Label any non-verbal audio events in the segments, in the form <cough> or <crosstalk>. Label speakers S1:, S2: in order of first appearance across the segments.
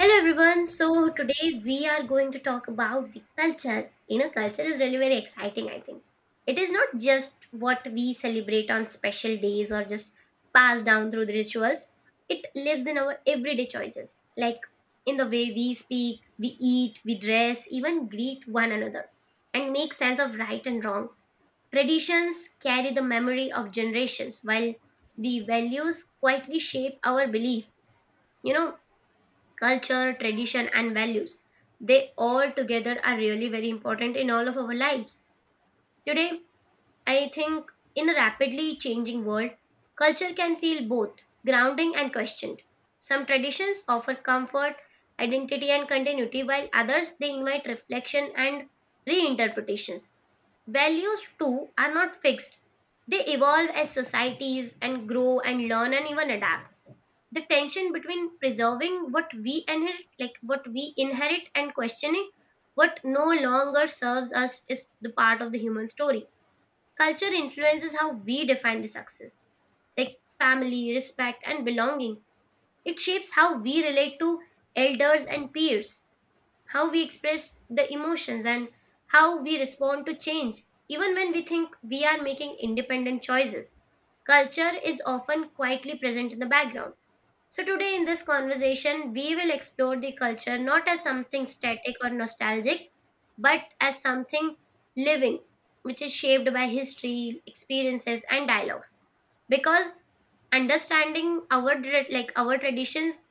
S1: Hello everyone. So today we are going to talk about the culture. You know, culture is really very exciting, I think. It is not just what we celebrate on special days or just pass down through the rituals. It lives in our everyday choices, like in the way we speak, we eat, we dress, even greet one another, and make sense of right and wrong. Traditions carry the memory of generations, while the values quietly shape our belief. You know, culture, tradition, and values. They all together are really very important in all of our lives. Today, I think in a rapidly changing world, culture can feel both grounding and questioned. Some traditions offer comfort, identity, and continuity, while others they invite reflection and reinterpretations. Values, too, are not fixed. They evolve as societies and grow and learn and even adapt the tension between preserving what we inherit and questioning what no longer serves us is the part of the human story. Culture influences how we define the success, like family, respect, and belonging. It shapes how we relate to elders and peers, how we express the emotions, and how we respond to change. Even when we think we are making independent choices, culture is often quietly present in the background. So, today in this conversation, we will explore the culture not as something static or nostalgic, but as something living, which is shaped by history, experiences, and dialogues. Because understanding our traditions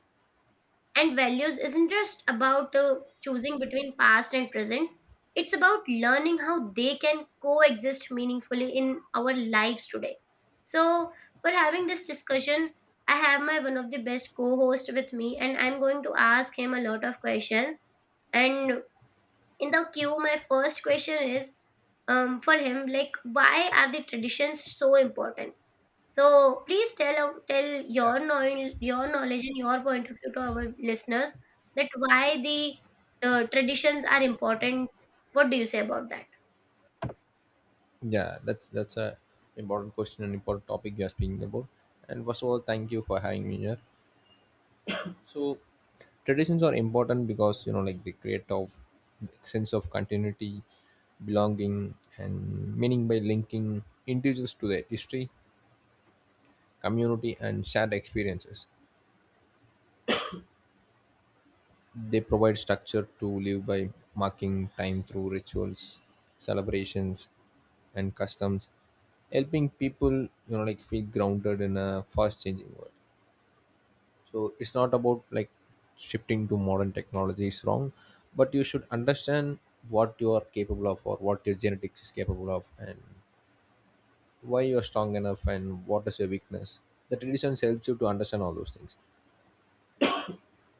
S1: and values isn't just about choosing between past and present, it's about learning how they can coexist meaningfully in our lives today. So, for having this discussion, I have my one of the best co host with me, and I'm going to ask him a lot of questions. And in the queue, my first question is for him, like, why are the traditions so important? So please tell
S2: Yeah.
S1: your knowledge and your point of view to our listeners that why the traditions are important. What do you say about that?
S2: Yeah, that's a important question and important topic you are speaking about. And first of all, thank you for having me here. So traditions are important because like they create a sense of continuity, belonging, and meaning by linking individuals to their history, community, and shared experiences. They provide structure to live by, marking time through rituals, celebrations, and customs, helping people like feel grounded in a fast changing world. So it's not about like shifting to modern technology is wrong, but you should understand what you are capable of or what your genetics is capable of, and why you are strong enough and what is your weakness. The traditions helps you to understand all those things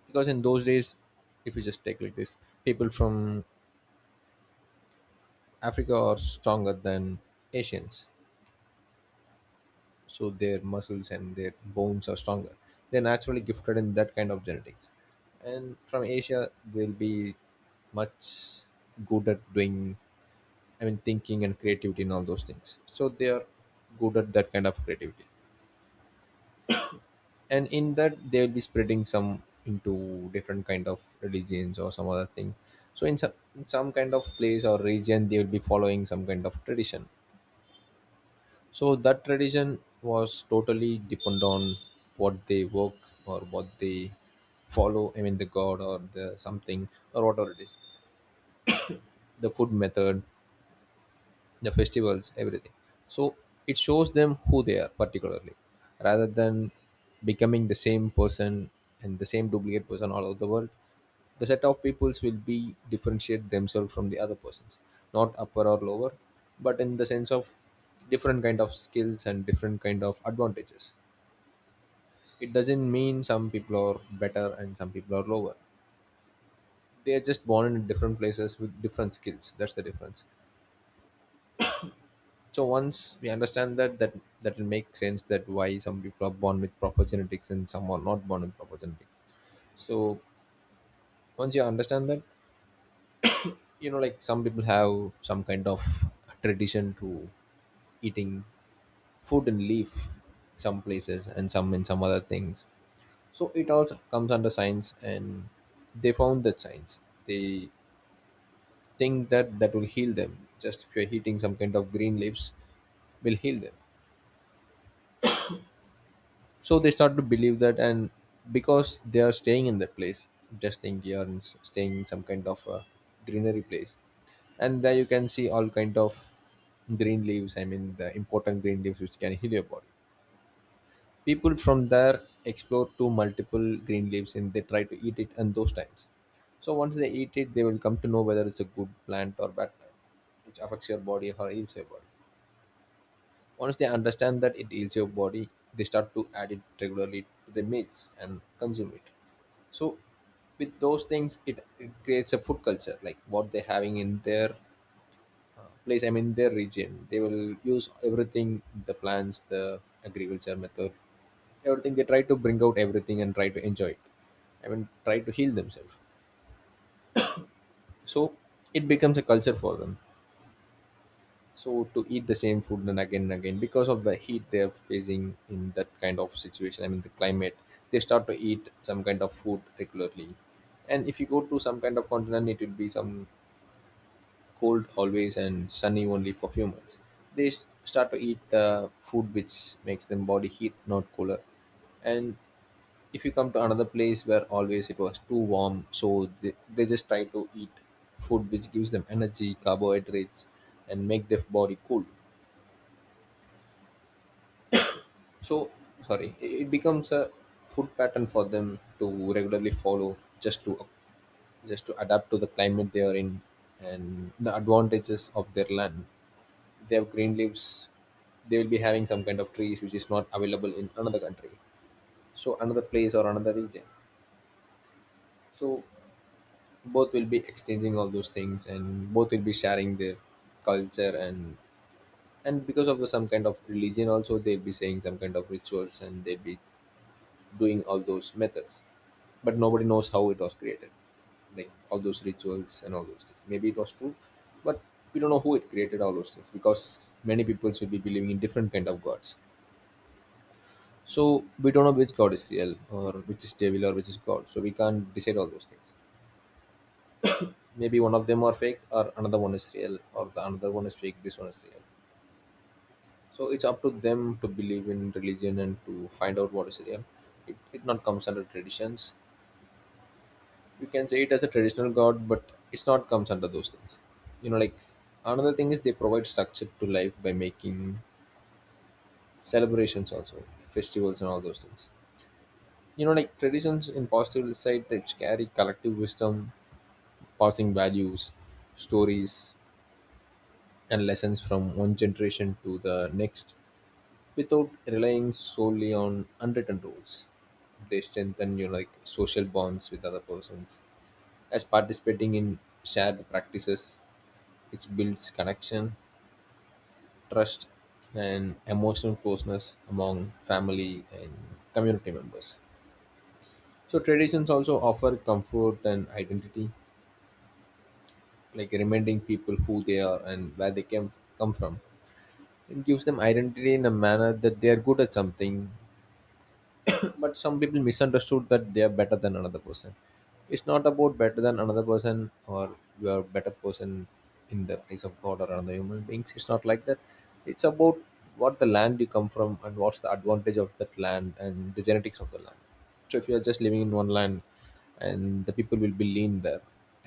S2: because in those days, if you just take like this, people from Africa are stronger than Asians. So their muscles and their bones are stronger. They're naturally gifted in that kind of genetics. And from Asia, they'll be much good at doing, I mean, thinking and creativity and all those things. So they are good at that kind of creativity. And in that, they'll be spreading some into different kind of religions or some other thing. So in some kind of place or region, they will be following some kind of tradition. So that tradition was totally depend on what they work or what they follow. I mean, the god or the something or whatever it is, the food method, the festivals, everything. So it shows them who they are particularly, rather than becoming the same person and the same duplicate person all over the world. The set of peoples will be differentiate themselves from the other persons, not upper or lower, but in the sense of different kind of skills and different kind of advantages. It doesn't mean some people are better and some people are lower. They are just born in different places with different skills. That's the difference. So once we understand that, that that will make sense that why some people are born with proper genetics and some are not born with proper genetics. So once you understand that, like, some people have some kind of tradition to eating fruit and leaf some places and some in some other things. So it also comes under science, and they found that science. They think that that will heal them. Just if you're eating some kind of green leaves, will heal them. So they start to believe that, and because they are staying in that place, just think you are in, staying in some kind of a greenery place, and there you can see all kind of green leaves. I mean, the important green leaves which can heal your body. People from there explore to multiple green leaves and they try to eat it in those times. So once they eat it, they will come to know whether it's a good plant or bad plant, which affects your body or heals your body. Once they understand that it heals your body, they start to add it regularly to their meals and consume it. So, with those things, it creates a food culture, like what they're having in their place, I mean, their region. They will use everything, the plants, the agriculture method, everything. They try to bring out everything and try to enjoy it. I mean, try to heal themselves. So, it becomes a culture for them. So to eat the same food and again because of the heat they're facing in that kind of situation, I mean the climate, they start to eat some kind of food regularly. And if you go to some kind of continent, it will be some cold always and sunny only for few months. They start to eat the food which makes them body heat not cooler. And if you come to another place where always it was too warm, so they just try to eat food which gives them energy carbohydrates and make their body cool. So, sorry, it becomes a food pattern for them to regularly follow, just to adapt to the climate they are in and the advantages of their land. They have green leaves. They will be having some kind of trees which is not available in another country. So another place or another region. So both will be exchanging all those things and both will be sharing their culture, and because of the, some kind of religion also, they'll be saying some kind of rituals and they'll be doing all those methods. But nobody knows how it was created, like all those rituals and all those things, maybe it was true. But we don't know who it created all those things because many people will be believing in different kind of gods. So we don't know which god is real or which is devil or which is god, so we can't decide all those things. Maybe one of them are fake or another one is real, or the another one is fake, this one is real. So it's up to them to believe in religion and to find out what is real. It not comes under traditions. You can say it as a traditional god, but it's not comes under those things. Like, another thing is they provide structure to life by making celebrations also, festivals and all those things. Like, traditions in positive side they carry collective wisdom, passing values, stories and lessons from one generation to the next without relying solely on unwritten rules. They strengthen, like, social bonds with other persons as participating in shared practices. It builds connection, trust, and emotional closeness among family and community members. So traditions also offer comfort and identity, like reminding people who they are and where they came come from. It gives them identity in a manner that they are good at something. <coughs> But some people misunderstood that they are better than another person. It's not about better than another person or you are a better person in the eyes of god or another human beings. It's not like that. It's about what the land you come from and what's the advantage of that land and the genetics of the land. So if you are just living in one land, and the people will be lean there,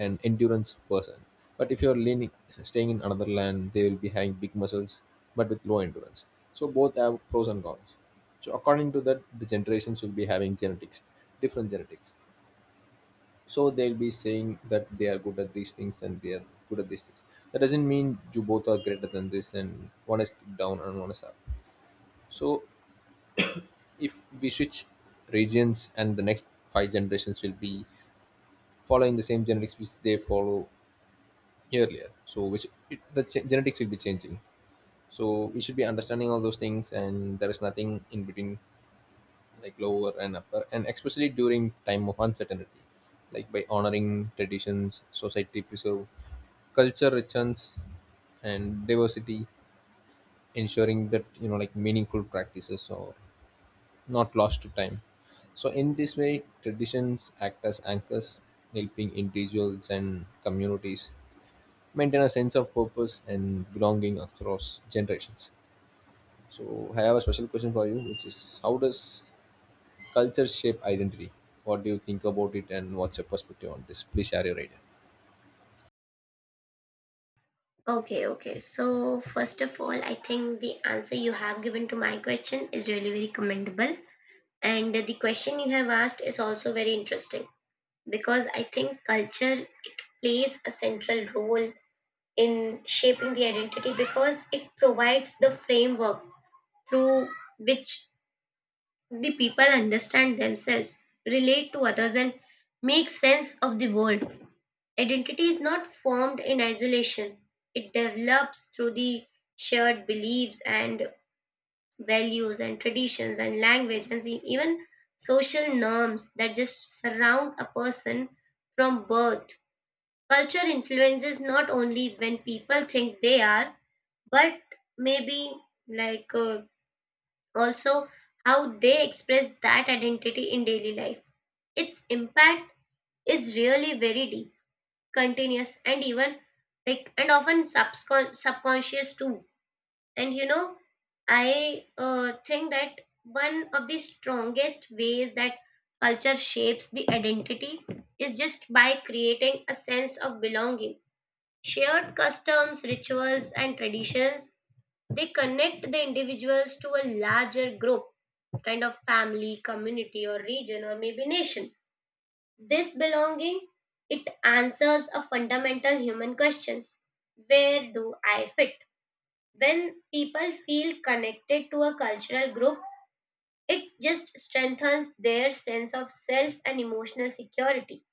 S2: an endurance person. But if you are leaning staying in another land, they will be having big muscles but with low endurance. So both have pros and cons. So according to that, the generations will be having genetics, different genetics. So they'll be saying that they are good at these things and they are good at these things. That doesn't mean you both are greater than this and one is down and one is up. So if we switch regions and the next five generations will be following the same genetics which they follow earlier. So which it, the genetics will be changing. So we should be understanding all those things and there is nothing in between like lower and upper. And especially during time of uncertainty, like by honoring traditions, society preserve culture richness and diversity, ensuring that like meaningful practices are not lost to time. So in this way, traditions act as anchors, helping individuals and communities maintain a sense of purpose and belonging across generations. So I have a special question for you, which is, how does culture shape identity? What do you think about it, and what's your perspective on this? Please share your idea.
S1: Okay, okay. So first of all, I think the answer you have given to my question is really very commendable, and the question you have asked is also very interesting. Because I think culture it plays a central role in shaping the identity because it provides the framework through which the people understand themselves, relate to others, and make sense of the world. Identity is not formed in isolation, it develops through the shared beliefs and values and traditions and language and even social norms that just surround a person from birth. Culture influences not only when people think they are, but maybe like also how they express that identity in daily life. Its impact is really very deep, continuous, and even like and often subconscious too. And you know, I think that one of the strongest ways that culture shapes the identity is just by creating a sense of belonging. Shared customs, rituals, and traditions they connect the individuals to a larger group, kind of family, community, or region, or maybe nation. This belonging it answers a fundamental human questions: where do I fit? When people feel connected to a cultural group, it just strengthens their sense of self and emotional security.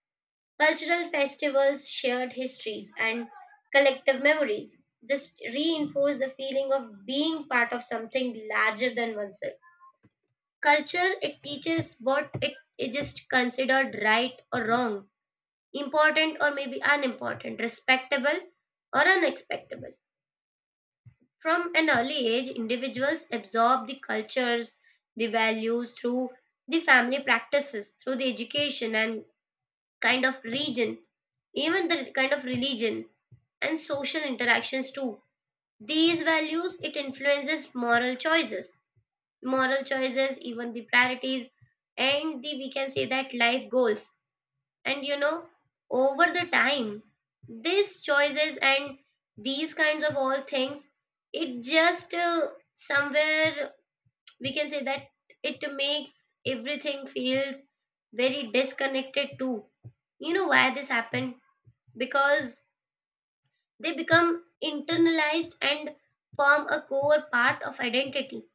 S1: Cultural festivals, shared histories, and collective memories. This reinforced the feeling of being part of something larger than oneself. Culture, it teaches what it is just considered right or wrong, important or maybe unimportant, respectable or unexpectable. From an early age, individuals absorb the cultures, the values through the family practices, through the education and kind of region, even the kind of religion and social interactions too. These values it influences moral choices, even the priorities and the we can say that life goals. And you know, over the time, these choices and these kinds of all things, it just somewhere we can say that it makes everything feels very disconnected too. You know why this happened? Because they become internalized and form a core part of identity.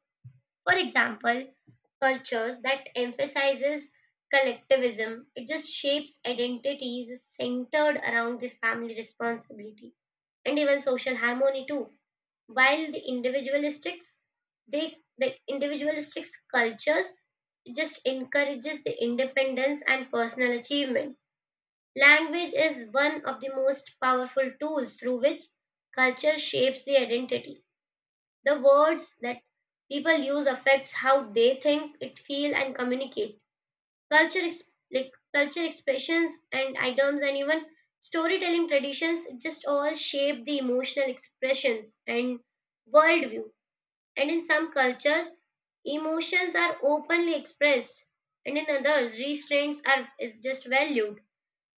S1: For example, cultures that emphasizes collectivism, it just shapes identities centered around the family responsibility and even social harmony too. While the individualistics, the individualistics cultures just encourages the independence and personal achievement. Language is one of the most powerful tools through which culture shapes the identity. The words that people use affects how they think, it feel and communicate. Culture ex- like culture expressions and items and even storytelling traditions just all shape the emotional expressions and worldview. And in some cultures, emotions are openly expressed and in others restraints are is just valued.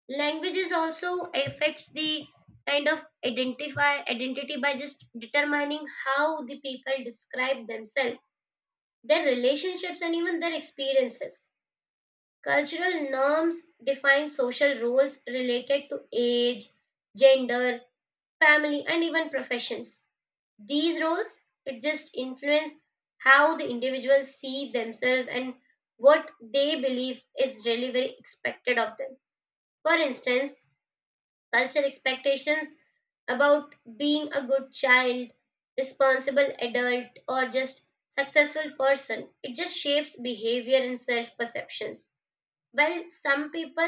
S1: Languages also affects the kind of identify identity by just determining how the people describe themselves, their relationships, and even their experiences. Cultural norms define social roles related to age, gender, family, and even professions. These roles it just influence how the individuals see themselves and what they believe is really very expected of them. For instance, culture expectations about being a good child, responsible adult, or just successful person. It just shapes behavior and self perceptions. Well, some people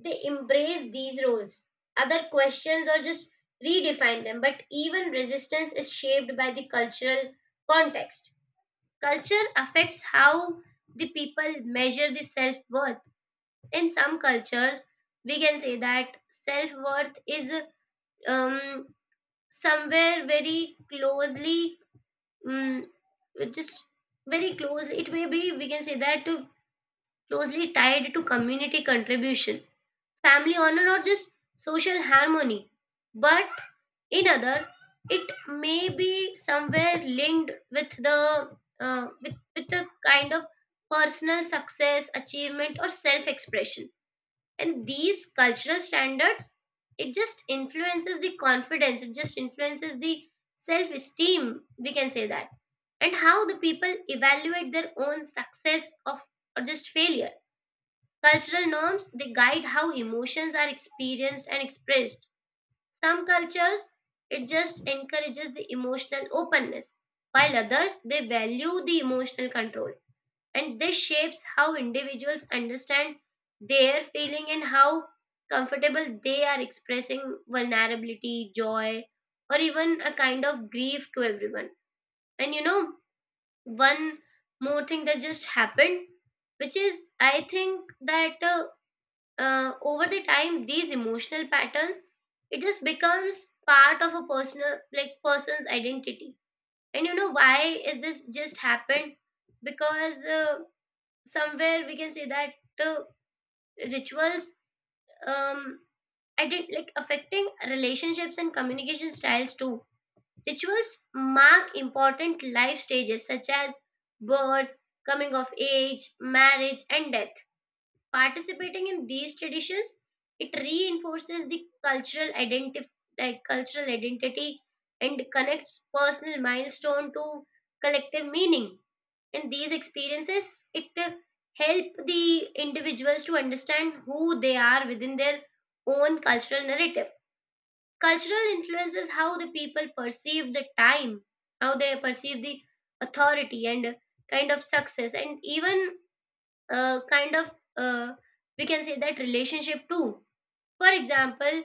S1: they embrace these roles. Other questions or just redefine them. But even resistance is shaped by the cultural context. Culture affects how the people measure the self worth. In some cultures, we can say that self worth is um, somewhere very closely, um, just very closely, it may be, we can say that, to closely tied to community contribution, family honor, or just social harmony. But in other, it may be somewhere linked with the kind of personal success, achievement, or self expression. And these cultural standards it just influences the confidence, it just influences the self esteem, we can say that, and how the people evaluate their own success of or just failure. Cultural norms they guide how emotions are experienced and expressed. Some cultures it just encourages the emotional openness, while others they value the emotional control. And this shapes how individuals understand their feeling and how comfortable they are expressing vulnerability, joy, or even a kind of grief to everyone. And you know, one more thing that just happened, which is I think that over the time these emotional patterns it just becomes part of a personal like person's identity. And you know why is this just happened? Because somewhere we can say that uh, rituals um I did like affecting relationships and communication styles too. Rituals mark important life stages such as birth, coming of age, marriage, and death. Participating in these traditions it reinforces the cultural identity cultural identity and connects personal milestone to collective meaning. And these experiences it help the individuals to understand who they are within their own cultural narrative. Cultural influences how the people perceive the time, how they perceive the authority and kind of success and even kind of uh, we can say that relationship too. For example,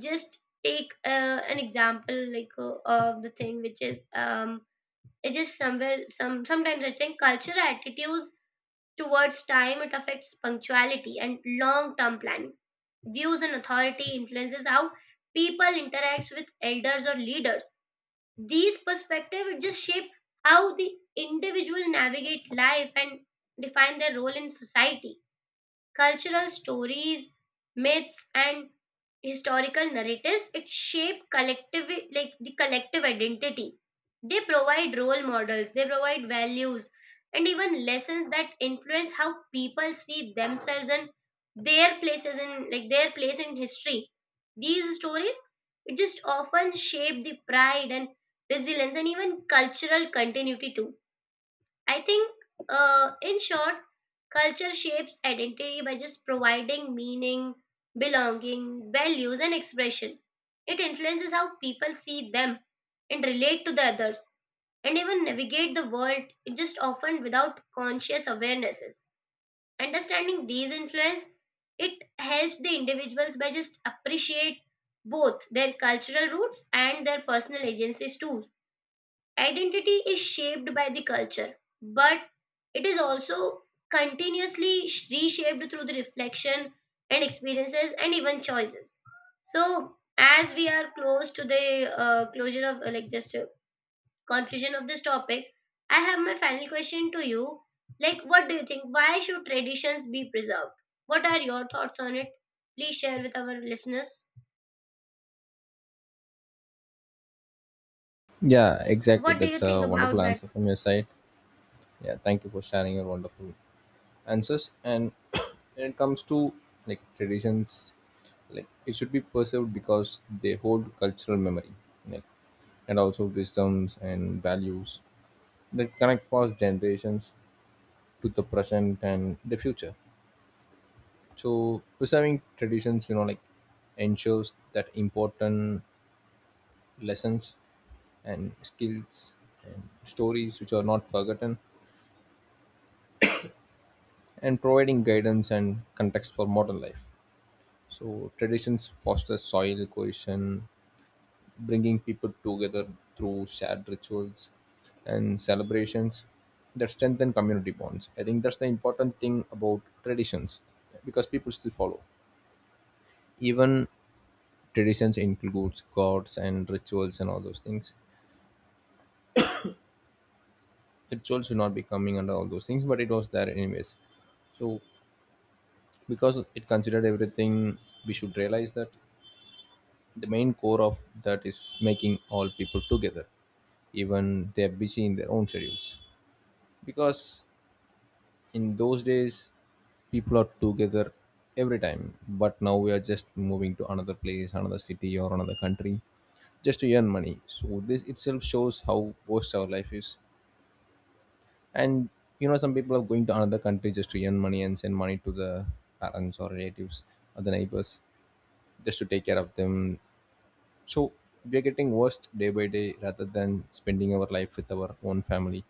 S1: just take an example like of the thing which is it is somewhere sometimes I think cultural attitudes towards time, it affects punctuality and long term planning. Views and authority influences how people interact with elders or leaders. These perspectives just shape how the individual navigate life and define their role in society. Cultural stories, myths, and historical narratives it shape collective like the collective identity. They provide role models, they provide values, and even lessons that influence how people see themselves and their place in history. These stories it just often shape the pride and resilience and even cultural continuity too. I think, in short, culture shapes identity by just providing meaning, belonging, values, and expression. It influences how people see them and relate to the others and even navigate the world, it just often without conscious awarenesses. Understanding these influence, it helps the individuals by just appreciate both their cultural roots and their personal agencies too. Identity is shaped by the culture, but it is also continuously reshaped through the reflection and experiences and even choices. So, as we are close to the closure of like just conclusion of this topic, I have my final question to you. Like, what do you think? Why should traditions be preserved? What are your thoughts on it? Please share with our listeners.
S2: Yeah, exactly.
S1: What do you
S2: That's
S1: think
S2: a
S1: about
S2: wonderful
S1: that?
S2: answer from your side. Yeah, thank you for sharing your wonderful answers. And <coughs> <clears throat> when it comes to like traditions, like it should be perceived because they hold cultural memory, like, and also wisdoms and values that connect past generations to the present and the future. So preserving traditions, you know, like ensures that important lessons and skills and stories which are not forgotten, and providing guidance and context for modern life. So traditions foster soil cohesion, bringing people together through shared rituals and celebrations that strengthen community bonds. I think that's the important thing about traditions, because people still follow. Even traditions includes gods and rituals and all those things. Rituals should not be coming under all those things, but it was there anyways. So because it considered everything, we should realize that the main core of that is making all people together, even they're busy in their own schedules. Because in those days people are together every time, but now we are just moving to another place, another city, or another country just to earn money. So this itself shows how forced our life is. And you know, some people are going to another country just to earn money and send money to the parents or relatives or the neighbors just to take care of them. So we are getting worse day by day rather than spending our life with our own family,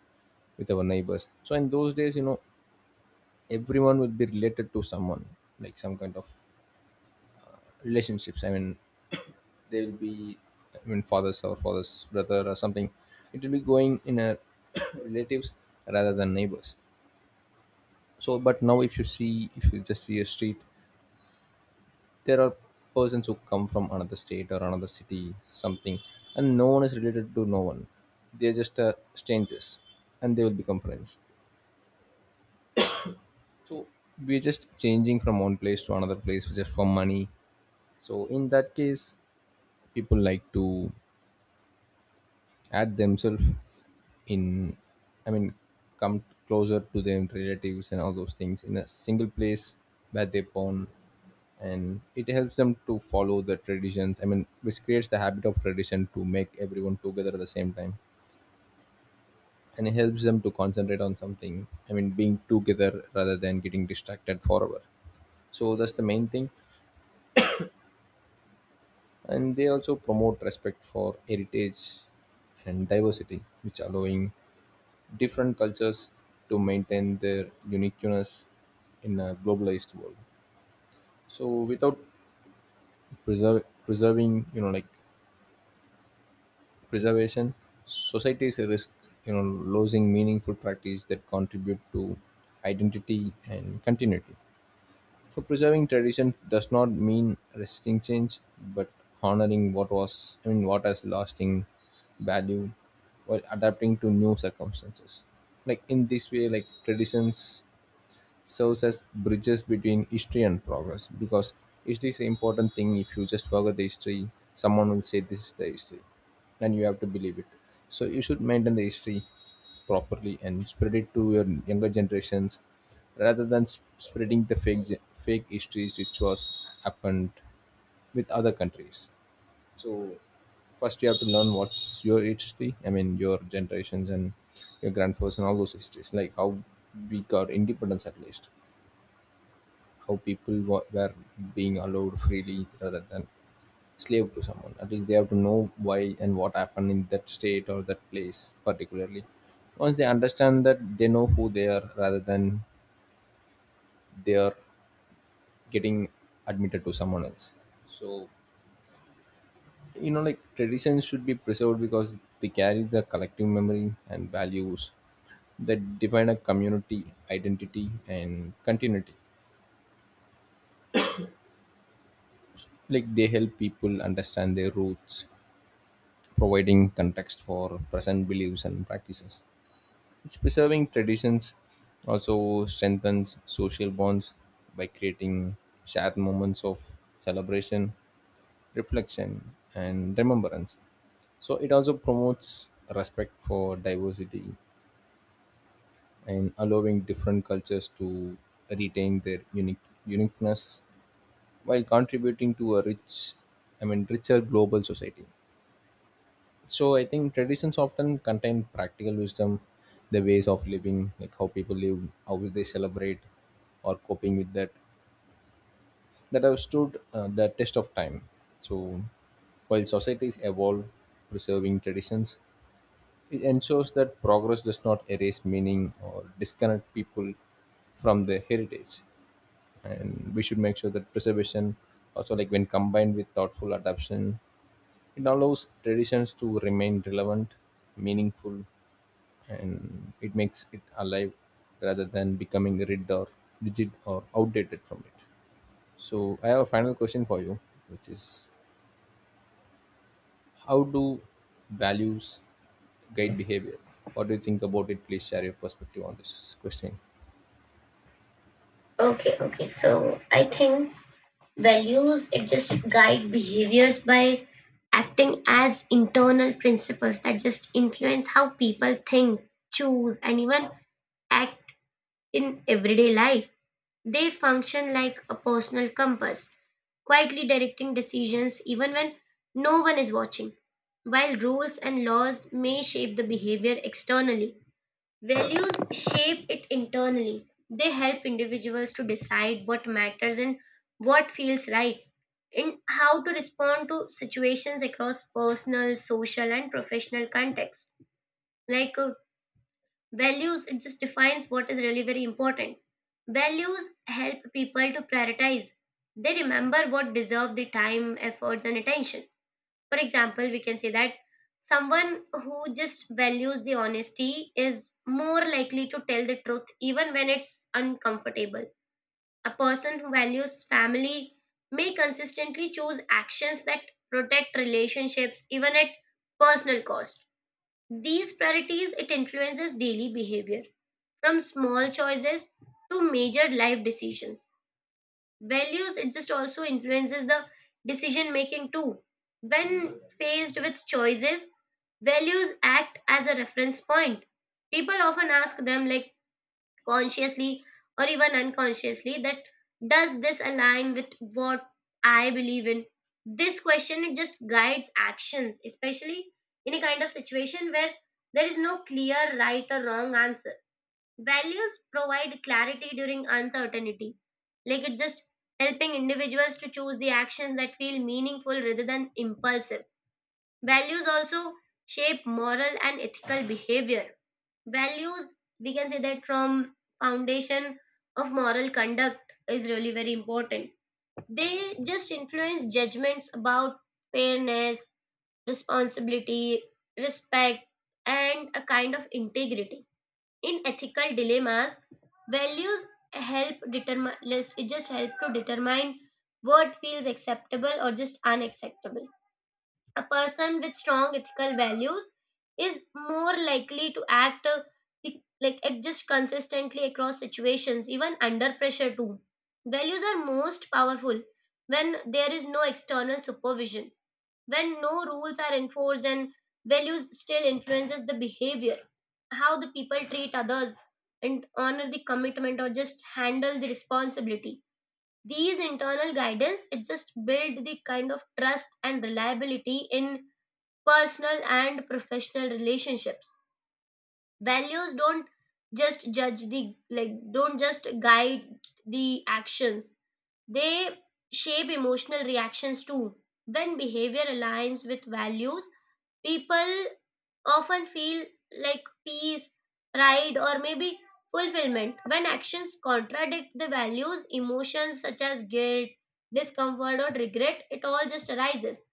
S2: with our neighbors. So in those days, you know, everyone will be related to someone, like some kind of relationships. I mean, <coughs> they will be, I mean, father's or father's brother or something. It will be going in a <coughs> relatives rather than neighbors. So, but now if you see, if you just see a street, there are persons who come from another state or another city something, and no one is related to no one. They're just strangers, and they will become friends. So we're just changing from one place to another place just for money. So in that case, people like to add themselves in, I mean, come closer to their relatives and all those things in a single place where they born. And it helps them to follow the traditions, I mean, which creates the habit of tradition to make everyone together at the same time. And it helps them to concentrate on something, I mean being together rather than getting distracted forever. So that's the main thing. And they also promote respect for heritage and diversity, which allowing different cultures to maintain their uniqueness in a globalized world. So without preserving you know like preservation, societies risk, you know, losing meaningful practice that contribute to identity and continuity. So preserving tradition does not mean resisting change, but honoring what was, I mean what has lasting value while adapting to new circumstances. Like in this way, like traditions serves as bridges between history and progress. Because history is an important thing. If you just forget the history, someone will say this is the history and you have to believe it. So you should maintain the history properly and spread it to your younger generations, rather than spreading the fake fake histories which was happened with other countries. First you have to learn what's your history, I mean your generations and your grandfathers and all those histories, like how we got independence at least, how people were being allowed freely rather than slave to someone. At least they have to know why and what happened in that state or that place particularly. Once they understand that, they know who they are rather than they are getting admitted to someone else. So you know, like traditions should be preserved because they carry the collective memory and values that define a community identity and continuity. Like they help people understand their roots, providing context for present beliefs and practices. It's preserving traditions also strengthens social bonds by creating shared moments of celebration, reflection, and remembrance. So it also promotes respect for diversity and allowing different cultures to retain their unique uniqueness while contributing to a rich, I mean richer global society. So I think traditions often contain practical wisdom, the ways of living, like how people live, how they celebrate, or coping with that, that have stood the test of time. So while societies evolve, preserving traditions, it ensures that progress does not erase meaning or disconnect people from their heritage. And we should make sure that preservation, also like when combined with thoughtful adaptation, it allows traditions to remain relevant, meaningful, and it makes it alive rather than becoming rigid or outdated from it. So I have a final question for you, which is, how do values guide behavior? What do you think about it? Please share your perspective on this question.
S1: Okay, okay. So I think values it just guide behaviors by acting as internal principles that just influence how people think, choose, and even act in everyday life. They function like a personal compass, quietly directing decisions even when no one is watching. While rules and laws may shape the behavior externally, values shape it internally. They help individuals to decide what matters and what feels right, and how to respond to situations across personal, social, and professional contexts. Like values, it just defines what is really very important. Values help people to prioritize. They remember what deserve the time, efforts, and attention. For example, we can say that someone who just values the honesty is more likely to tell the truth even when it's uncomfortable. A person who values family may consistently choose actions that protect relationships even at personal cost. These priorities it influences daily behavior, from small choices to major life decisions. Values it just also influences the decision making too. When faced with choices, values act as a reference point. People often ask them, like, consciously or even unconsciously, that does this align with what I believe in? This question it just guides actions, especially in a kind of situation where there is no clear right or wrong answer. Values provide clarity during uncertainty. Like, it's just helping individuals to choose the actions that feel meaningful rather than impulsive. Values also shape moral and ethical behavior. Values, we can say that from foundation of moral conduct is really very important. They just influence judgments about fairness, responsibility, respect, and a kind of integrity in ethical dilemmas. Values help determine, it just help to determine what feels acceptable or just unacceptable. A person with strong ethical values is more likely to act, like act just consistently across situations even under pressure too. Values are most powerful when there is no external supervision. When no rules are enforced and values still influences the behavior, how the people treat others and honor the commitment or just handle the responsibility. These internal guidance it just build the kind of trust and reliability in personal and professional relationships. Values don't just judge the, like, don't just guide the actions. They shape emotional reactions too. When behavior aligns with values, people often feel like peace, pride, or maybe fulfillment. When actions contradict the values, emotions such as guilt, discomfort, or regret, it all just arises.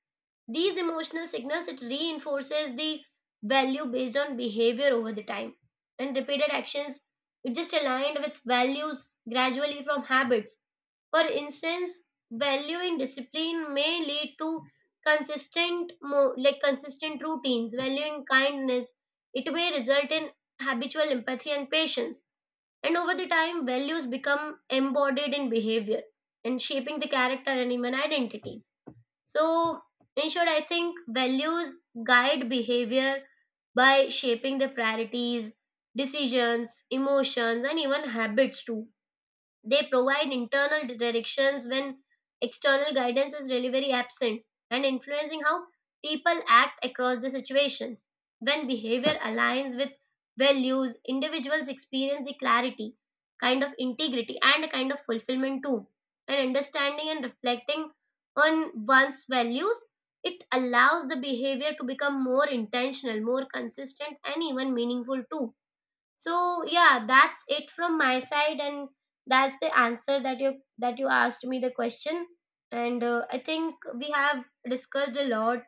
S1: These emotional signals it reinforces the value based on behavior over the time. And repeated actions it just aligned with values gradually from habits. For instance, valuing discipline may lead to consistent like consistent routines. Valuing kindness it may result in habitual empathy and patience, and over the time values become embodied in behavior, and shaping the character and even identities. So in short, I think values guide behavior by shaping the priorities, decisions, emotions, and even habits too. They provide internal directions when external guidance is really very absent, and influencing how people act across the situations. When behavior aligns with values, individuals experience the clarity, kind of integrity, and a kind of fulfillment too. And understanding and reflecting on one's values, it allows the behavior to become more intentional, more consistent, and even meaningful too. So yeah, that's it from my side, and that's the answer that you asked me the question. And I think we have discussed a lot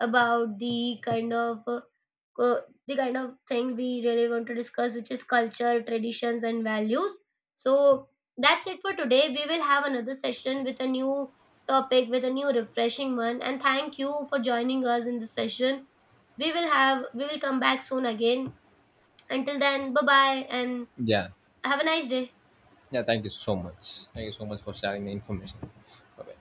S1: about the kind of the kind of thing we really want to discuss, which is culture, traditions, and values. So that's it for today. We will have another session with a new topic, with a new refreshing one. And thank you for joining us in this session. We will come back soon again. Until then, bye bye, and
S2: Yeah.
S1: have a nice day.
S2: Yeah, thank you so much, thank you so much for sharing the information. Bye bye.